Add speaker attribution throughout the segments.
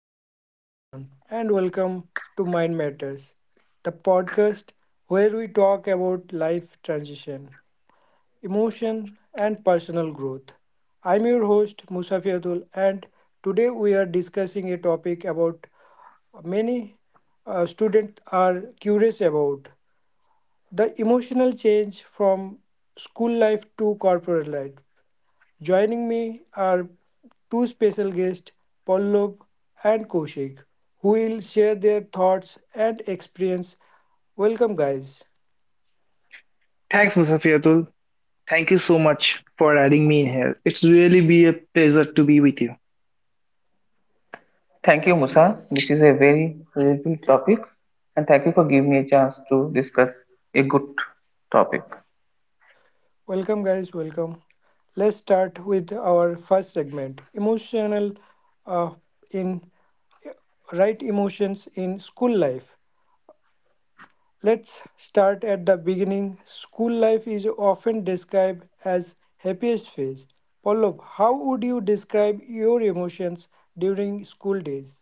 Speaker 1: Hello, everyone, and welcome to Mind Matters, the podcast where we talk about life transition, emotion, and personal growth. I'm your host, Musafiatul, and today we are discussing a topic about many students are curious about: the emotional change from school life to corporate life. Joining me are two special guests, Pallab and Kaushik, who will share their thoughts and experience. Welcome, guys.
Speaker 2: Thanks, Musafiatul. Thank you so much for adding me in here. It's really be a pleasure to be with you.
Speaker 3: Thank you, Musa. This is a very relatable topic, and thank you for giving me a chance to discuss a good topic.
Speaker 1: Welcome, guys. Welcome. Let's start with our first segment, emotional uh, in right, emotions in school life. Let's start at the beginning. School life is often described as happiest phase. Pallab, how would you describe your emotions during school days?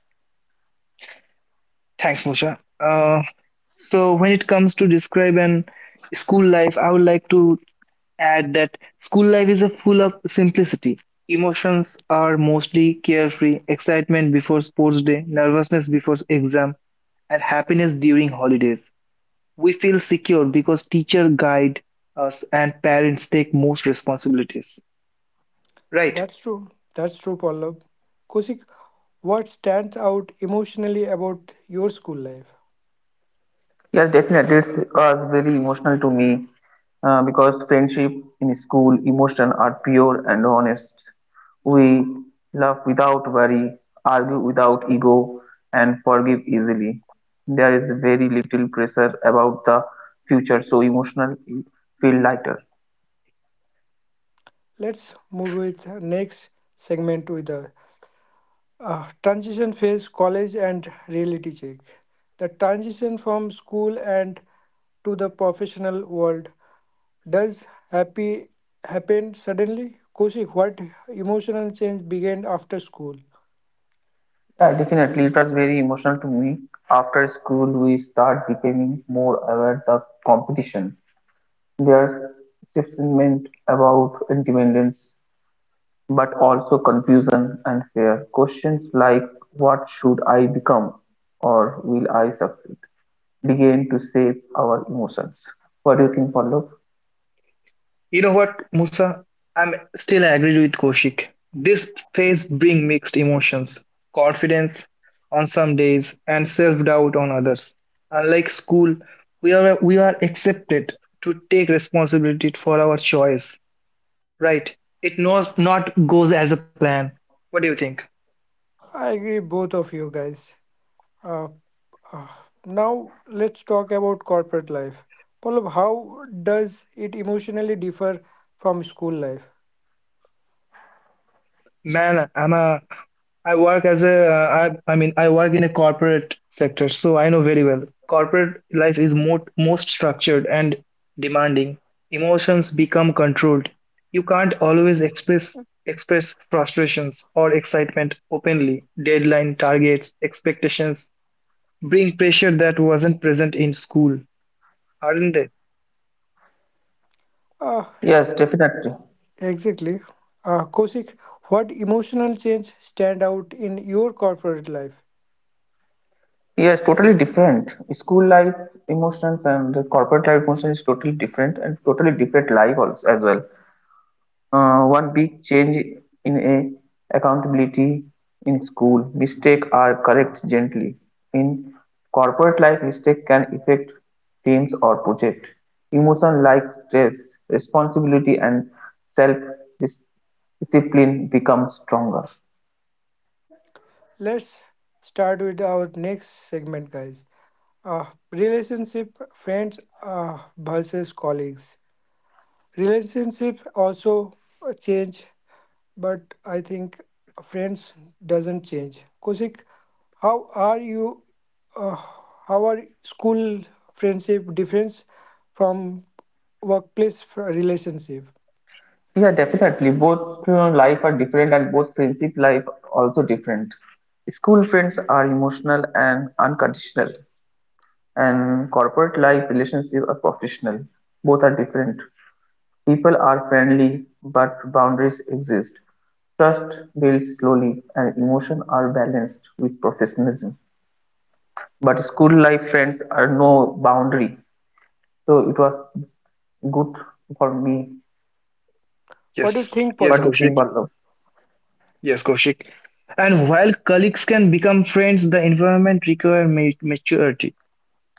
Speaker 2: Thanks, Musha. So when it comes to describe an school life, I would like to add that school life is a full of simplicity. Emotions are mostly carefree, excitement before sports day, nervousness before exam, and happiness during holidays. We feel secure because teacher guide us and parents take most responsibilities. Right?
Speaker 1: That's true. That's true, Pallab. Kosik, what stands out emotionally about your school life?
Speaker 3: Yes, definitely, it was very emotional to me because friendship in school, emotion are pure and honest. We love without worry, argue without ego, and forgive easily. There is very little pressure about the future, so emotional feel lighter.
Speaker 1: Let's move with next segment with the transition phase, college and reality check. The transition from school and to the professional world. Does happy Happen suddenly? Koshik, what emotional change began after school?
Speaker 3: Yeah, definitely, it was very emotional to me. After school, we start becoming more aware of competition. There's excitement about independence, but also confusion and fear. Questions like, "What should I become?" or "Will I succeed?" begin to shape our emotions. What do you think, Pallav?
Speaker 2: You know what, Musa? I'm still agreed with Koshik. This phase bring mixed emotions, confidence on some days and self-doubt on others. Unlike school, we are accepted to take responsibility for our choice, right? It not goes as a plan. What do you think?
Speaker 1: I agree, both of you guys. Uh, uh, Now let's talk about corporate life. Pallab, how does it emotionally differ from school life?
Speaker 2: Man, I work as a, I mean, I work in a corporate sector, so I know very well. Corporate life is more, most structured and demanding. Emotions become controlled. You can't always express frustrations or excitement openly. Deadline, targets, expectations bring pressure that wasn't present in school, aren't they?
Speaker 1: Uh,
Speaker 3: Yes, definitely.
Speaker 1: exactly. Kosik, what emotional change stand out in your corporate life?
Speaker 3: Yes, totally different. School life emotions and the corporate life emotions is totally different and totally different life also as well. One big change in a accountability in school mistake are correct gently in corporate life mistake can affect teams or project emotion like stress responsibility and self discipline become stronger.
Speaker 1: Let's start with our next segment, guys. Uh, Relationship, friends versus colleagues. Relationships also change, but I think friends doesn't change. Kosik, how are you? Uh, how are school friendship difference from relationship?
Speaker 3: Yeah, definitely, both life are different and both friendship life also different. School friends are emotional and unconditional, and corporate life relationships are professional. Both are different. People are friendly, but boundaries exist. Trust builds slowly, and emotions are balanced with professionalism. But school life friends are no boundary. So it was good for me.
Speaker 1: What do you
Speaker 2: Yes,
Speaker 1: think,
Speaker 3: What
Speaker 2: yes,
Speaker 3: do you
Speaker 1: Paulo?
Speaker 3: think,
Speaker 2: Kaushik.
Speaker 3: Ballav?
Speaker 2: Yes, Kaushik. And while colleagues can become friends, the environment requires maturity.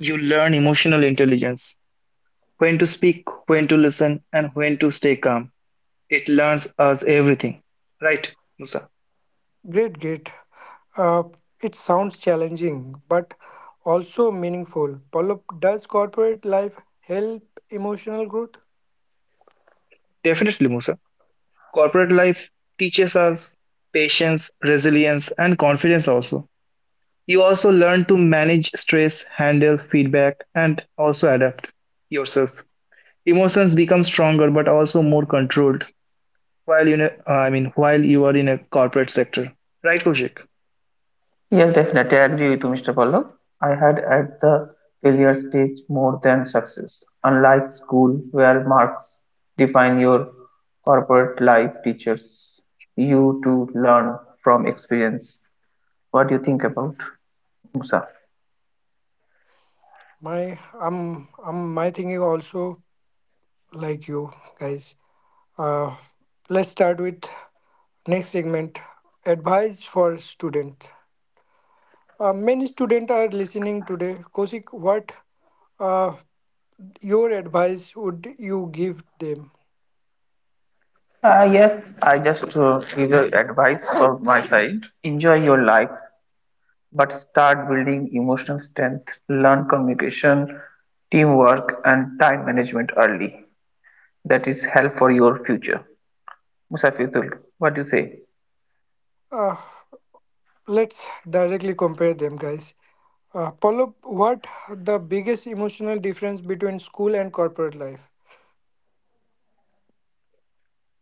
Speaker 2: You learn emotional intelligence, when to speak, when to listen, and when to stay calm. It learns us everything. Right, Musa?
Speaker 1: Great, great. Uh, it sounds challenging, but also meaningful. Pallop, does corporate life help emotional growth?
Speaker 2: Definitely, Musa. Corporate life teaches us patience, resilience, and confidence also. You also learn to manage stress, handle feedback, and also adapt yourself. Emotions become stronger but also more controlled while you know, I mean while you are in a corporate sector. Right, Koshik?
Speaker 3: Yes, definitely. I agree with you, Mr. Pallav. I had at the failure stage more than success. Unlike school, where marks define your corporate life, teachers you to learn from experience. What do you think about Musa?
Speaker 1: My, my thinking also like you guys. Uh, let's start with next segment. Advice for students. Many students are listening today. Kosik, what uh, your advice would you give them?
Speaker 3: Yes, I just give you advice from my side. Enjoy your life, but start building emotional strength. Learn communication, teamwork, and time management early. That is help for your future. Musafizul, what do you say?
Speaker 1: Uh, let's directly compare them, guys. Pallab, what the biggest emotional difference between school and corporate life?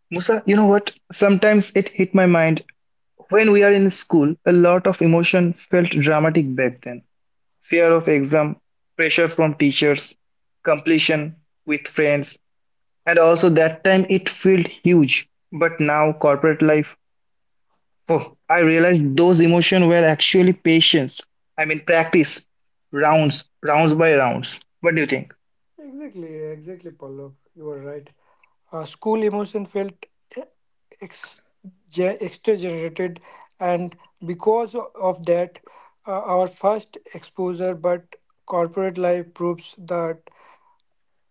Speaker 2: Musa, you know what? Sometimes it hit my mind. When we are in school, a lot of emotion felt dramatic back then. Fear of exam, pressure from teachers, completion with friends, and also that time it felt huge. But now corporate life, oh, I realized those emotions were actually patience. I mean practice, rounds, rounds by rounds. What do you think?
Speaker 1: Exactly, exactly, Pallab. You are right. School emotion felt eh, ex- extra generated, and because of that, our first exposure. But corporate life proves that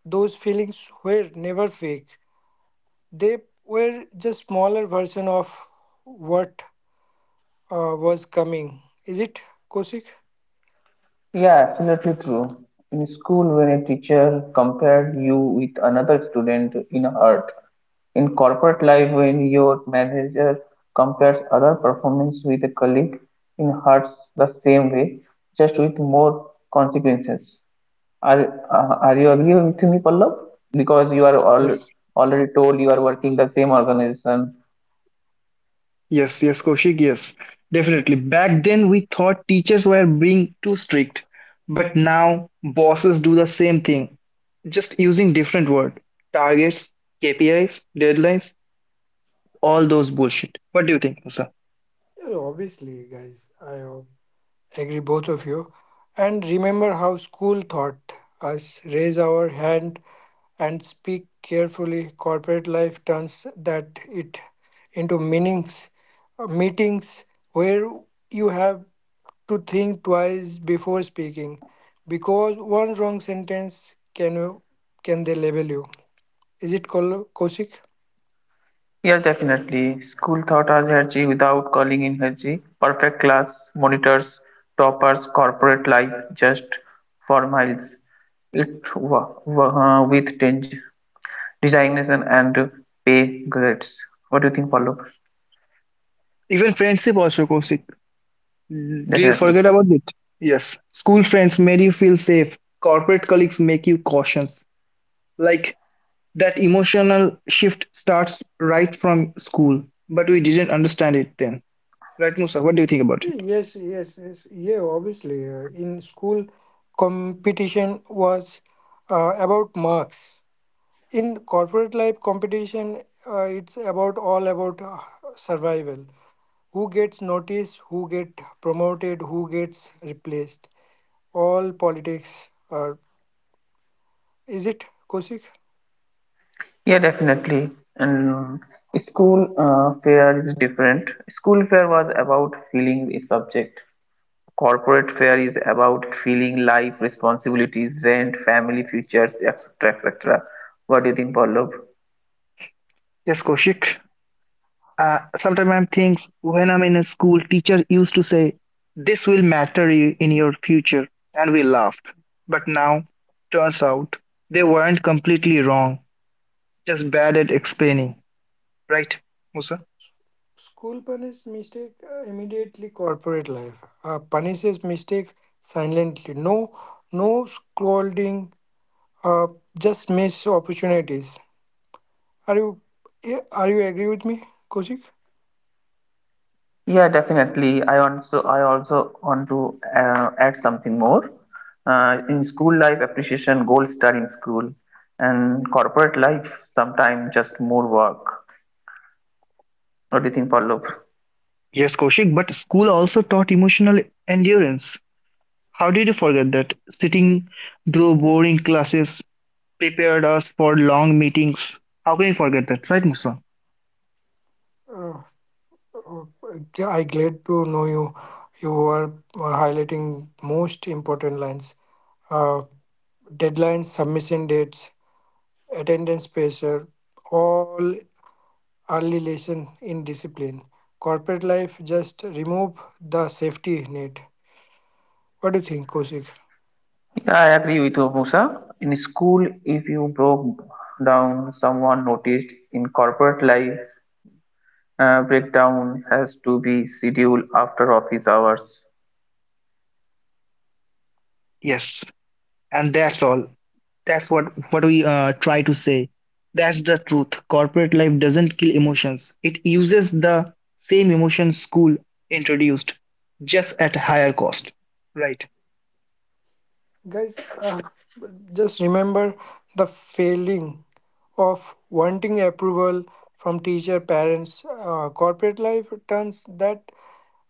Speaker 1: those feelings were never fake. They were just smaller version of what was coming. Is it, Kosik?
Speaker 3: Yeah, absolutely true. In school, when a teacher compared you with another student in hurt. In corporate life, when your manager compares other performance with a colleague, in hurts the same way, just with more consequences. Are you agree with me, Pallav? Because you are all, already told you are working the same organization.
Speaker 2: Yes, yes, Kaushik, yes, definitely. Back then, we thought teachers were being too strict, but now bosses do the same thing, just using different word. Targets, KPIs, deadlines, all those bullshit. What do you think, Musa?
Speaker 1: Yeah, obviously, guys, I agree both of you. And remember how school taught us raise our hand and speak carefully. Corporate life turns that it into meetings where you have to think twice before speaking, because one wrong sentence can you can they label you. Is it called Kosik?
Speaker 3: Yes, definitely. School taught us Herji without calling in Herji. Perfect class, monitors, toppers, corporate life, just for miles. With change, designation and pay grades. What do you think, Paulo?
Speaker 2: Even friendship also, Kaushik. Do you
Speaker 3: Definitely.
Speaker 2: forget about it? Yes. School friends made you feel safe. Corporate colleagues make you cautious. Like that emotional shift starts right from school, but we didn't understand it then. Right, Musa, what do you think about
Speaker 1: Yeah,
Speaker 2: it?
Speaker 1: Yes. Yeah, obviously. In school, competition was about marks. In corporate life, competition it's about all about survival. Who gets noticed? Who get promoted? Who gets replaced? All politics. Uh, is it Kosik?
Speaker 3: Yeah, definitely. And school fare is different. School fare was about feeling a subject. Corporate fare is about feeling life, responsibilities, rent, family, futures, etc., etc. What do you think, Pallav?
Speaker 2: Yes, Koshik. Sometimes I think when I'm in a school, teacher used to say, "This will matter you in your future," and we laughed. But now, turns out they weren't completely wrong, just bad at explaining. Right, Musa?
Speaker 1: School punishes mistake immediately. Corporate life punishes mistake silently. No, no scolding, uh, just miss opportunities. Are you yeah, are you agree with me, Kosik?
Speaker 3: Yeah, definitely. I also want to add something more. In school life, appreciation, gold star in school, and corporate life, sometimes just more work. What do you think, Pallav?
Speaker 2: Yes, Koshik. But school also taught emotional endurance. How did you forget that? Sitting through boring classes prepared us for long meetings. How can you forget that? Right, Musa?
Speaker 1: Uh, uh, yeah, I glad to know you. You are highlighting most important lines. Uh, deadlines, submission dates, attendance pressure, all early lesson in discipline. Corporate life just remove the safety net. What do you think, Kosik?
Speaker 3: Yeah, I agree with you, Musa. In school, if you broke down, someone noticed. In corporate life, breakdown has to be scheduled after office hours.
Speaker 2: Yes, and that's all. That's what we try to say. That's the truth. Corporate life doesn't kill emotions. It uses the same emotion school introduced, just at higher cost. Right.
Speaker 1: Guys, just remember the failing of wanting approval from teacher, parents. Corporate life turns that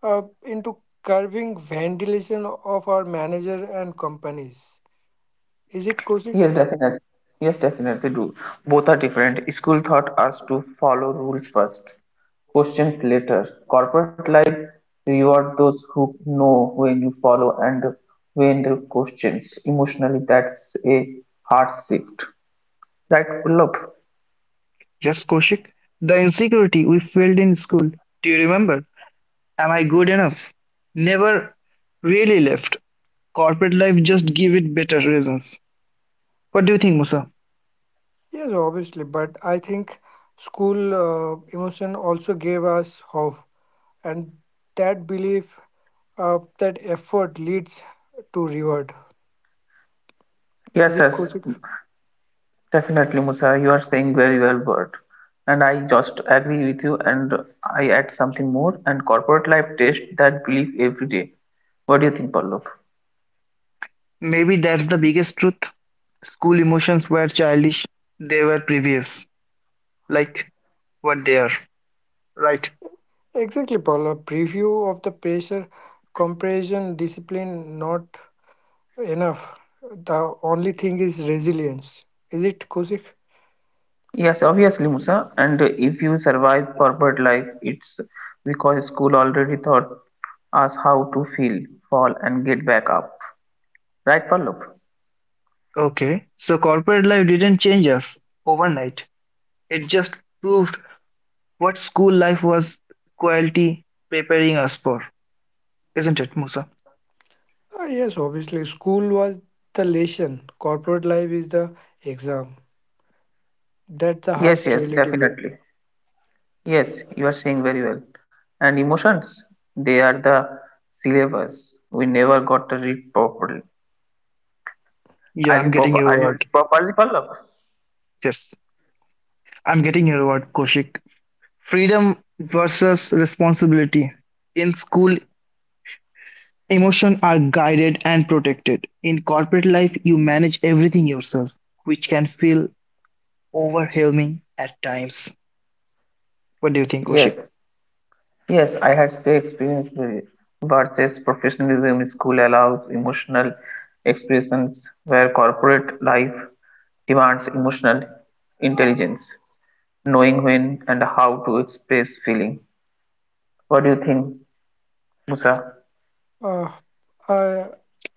Speaker 1: into curving ventilation of our manager and companies. Is it Kosik?
Speaker 3: Yes, definitely. Yes, definitely do. Both are different. School taught us to follow rules first, questions later. Corporate life reward those who know when you follow and when the questions. Emotionally, that's a hard shift. Right, Pullop?
Speaker 2: Yes, Koshik. The insecurity we felt in school. Do you remember? Am I good enough? Never really left. Corporate life just give it better reasons. What do you think, Musa?
Speaker 1: Yes, obviously, but I think school emotion also gave us hope, and that belief, that effort leads to reward.
Speaker 3: Yes,
Speaker 1: Is it
Speaker 3: yes.
Speaker 1: Kosik?
Speaker 3: Definitely, Musa, you are saying very well, Bert. And I just agree with you, and I add something more. And corporate life test that belief every day. What do you think, Pallav?
Speaker 2: Maybe that's the biggest truth. School emotions were childish. They were previous, like what they are. Right.
Speaker 1: Exactly, Paul. A preview of the pressure, comparison, discipline, not enough. The only thing is resilience. Is it Kusik?
Speaker 3: Yes, obviously, Musa. And if you survive corporate life, it's because school already taught us how to feel, fall, and get back up. Right, Pallav?
Speaker 2: Okay. So corporate life didn't change us overnight. It just proved what school life was quality preparing us for, isn't it, Musa?
Speaker 1: Ah, yes, obviously. School was the lesson. Corporate life is the exam. That's the
Speaker 3: Yes,
Speaker 1: harsh
Speaker 3: yes,
Speaker 1: reality, bro.
Speaker 3: definitely. Yes, you are saying very well. And emotions, they are the syllabus we never got to read properly.
Speaker 2: Yeah,
Speaker 3: Are
Speaker 2: I'm
Speaker 3: you
Speaker 2: getting
Speaker 3: pop
Speaker 2: your
Speaker 3: are you
Speaker 2: word.
Speaker 3: properly Pallab?
Speaker 2: Yes, I'm getting your word, Koshik. Freedom versus responsibility. In school, emotions are guided and protected. In corporate life, you manage everything yourself, which can feel overwhelming at times. What do you think,
Speaker 3: Yes,
Speaker 2: Koshik?
Speaker 3: yes, I had say experience with it. Versus professionalism. School allows emotional expressions where corporate life demands emotional intelligence, knowing when and how to express feeling. What do you think, Musa?
Speaker 1: Uh, I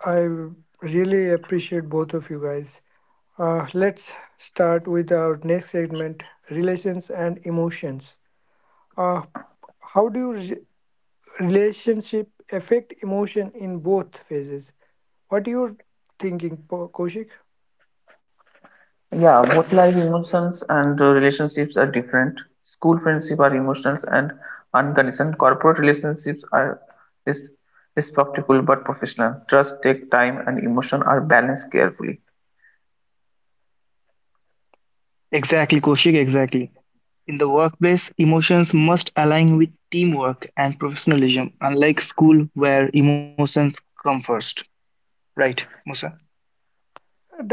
Speaker 1: I really appreciate both of you guys. Let's start with our next segment: relations and emotions. Uh, how do you relationship affect emotion in both phases? What you're thinking, Koshik?
Speaker 3: Yeah, both life emotions and relationships are different. School friendships are emotional and unconditional. Corporate relationships are res respectful but professional. Trust take time and emotion are balanced carefully.
Speaker 2: Exactly, Koshik, exactly. In the workplace, emotions must align with teamwork and professionalism, unlike school where emotions come first. Right, Musa?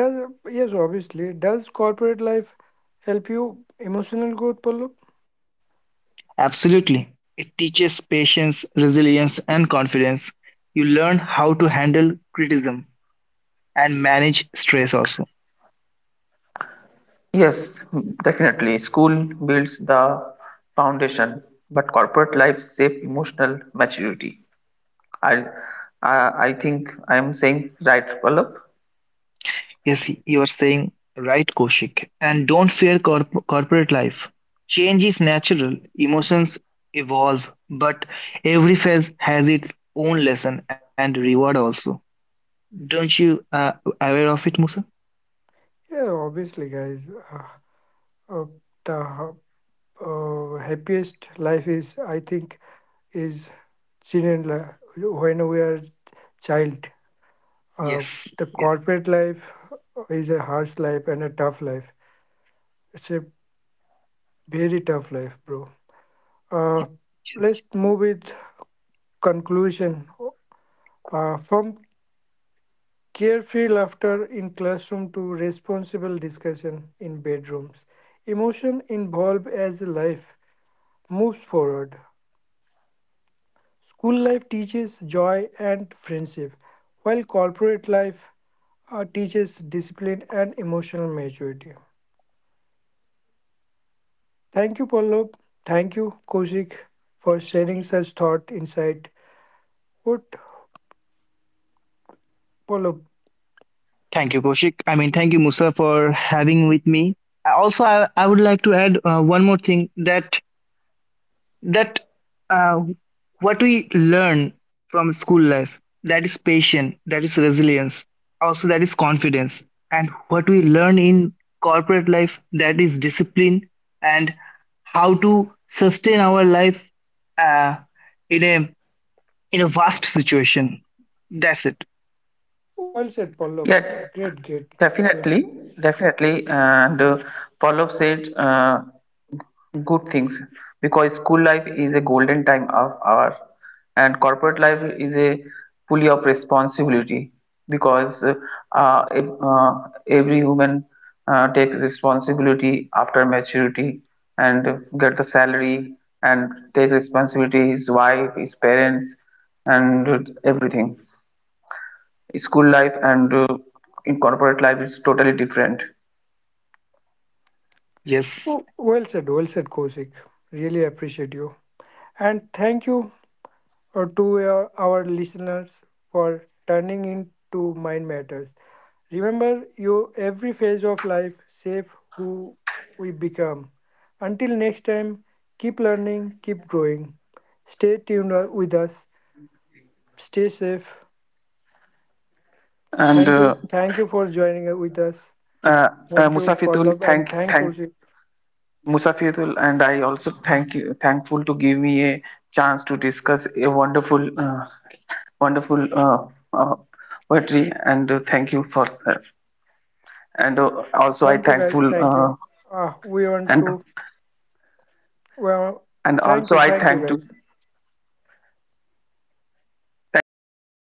Speaker 1: Does, yes obviously, does corporate life help you emotional growth, Pallab?
Speaker 2: Absolutely. It teaches patience, resilience, and confidence. You learn how to handle criticism and manage stress also.
Speaker 3: Yes, definitely. School builds the foundation, but corporate life shape emotional maturity. I, I think I am saying right, Pallab.
Speaker 2: Yes, you are saying right, Koshik. And don't fear corporate life. Change is natural, emotions evolve, but every phase has its own lesson and reward also. Don't you aware of it, Musa?
Speaker 1: Yeah, obviously, guys. Uh, the ha- Happiest life is, I think, is when we are child. uh,
Speaker 2: Yes.
Speaker 1: the
Speaker 2: Yes,
Speaker 1: corporate life is a harsh life and a tough life. It's a very tough life, bro. Uh,
Speaker 2: yes.
Speaker 1: let's move with conclusion. From carefree laughter in classroom to responsible discussion in bedrooms, emotion involved as life moves forward. School life teaches joy and friendship, while corporate life teaches discipline and emotional maturity. Thank you, Pallab. Thank you, Kaushik, for sharing such thought insight. What, Pallab?
Speaker 2: Thank you, Koshik. I mean, thank you, Musa, for having with me. Also, I would like to add one more thing that that uh, what we learn from school life, that is patience, that is resilience, also that is confidence, and what we learn in corporate life, that is discipline and how to sustain our life uh, in a vast situation. That's it.
Speaker 1: Well said, Pallav.
Speaker 3: Yet,
Speaker 1: Great, great, great.
Speaker 3: definitely, definitely. And Paulo said, good things because school life is a golden time of our and corporate life is a fully of responsibility because uh, ev- uh, every human take responsibility after maturity and get the salary and take responsibility his wife his parents and everything school life and in corporate life is totally different.
Speaker 2: Yes.
Speaker 1: Oh, well said, well said, Kosik. Really appreciate you. And thank you to our listeners for turning into Mind Matters. Remember, you every phase of life shape who we become. Until next time, keep learning, keep growing. Stay tuned with us. Stay safe.
Speaker 3: And
Speaker 1: Thank you. Thank you for joining with us.
Speaker 3: uh,
Speaker 1: Thank you,
Speaker 3: Musafetul,
Speaker 1: Pallav, and thank
Speaker 3: thank
Speaker 1: Kosik.
Speaker 3: Musafirul, and I also thank you, thankful to give me a chance to discuss a wonderful, wonderful uh, uh, poetry, and thank you for that. And also, I
Speaker 1: Thank you guys.
Speaker 3: thankful,
Speaker 1: Thank you. We want
Speaker 3: and
Speaker 1: to. Well,
Speaker 3: and
Speaker 1: thank
Speaker 3: also
Speaker 1: you.
Speaker 3: I
Speaker 1: Thank you
Speaker 3: thank to
Speaker 1: guys.
Speaker 3: thank you so much.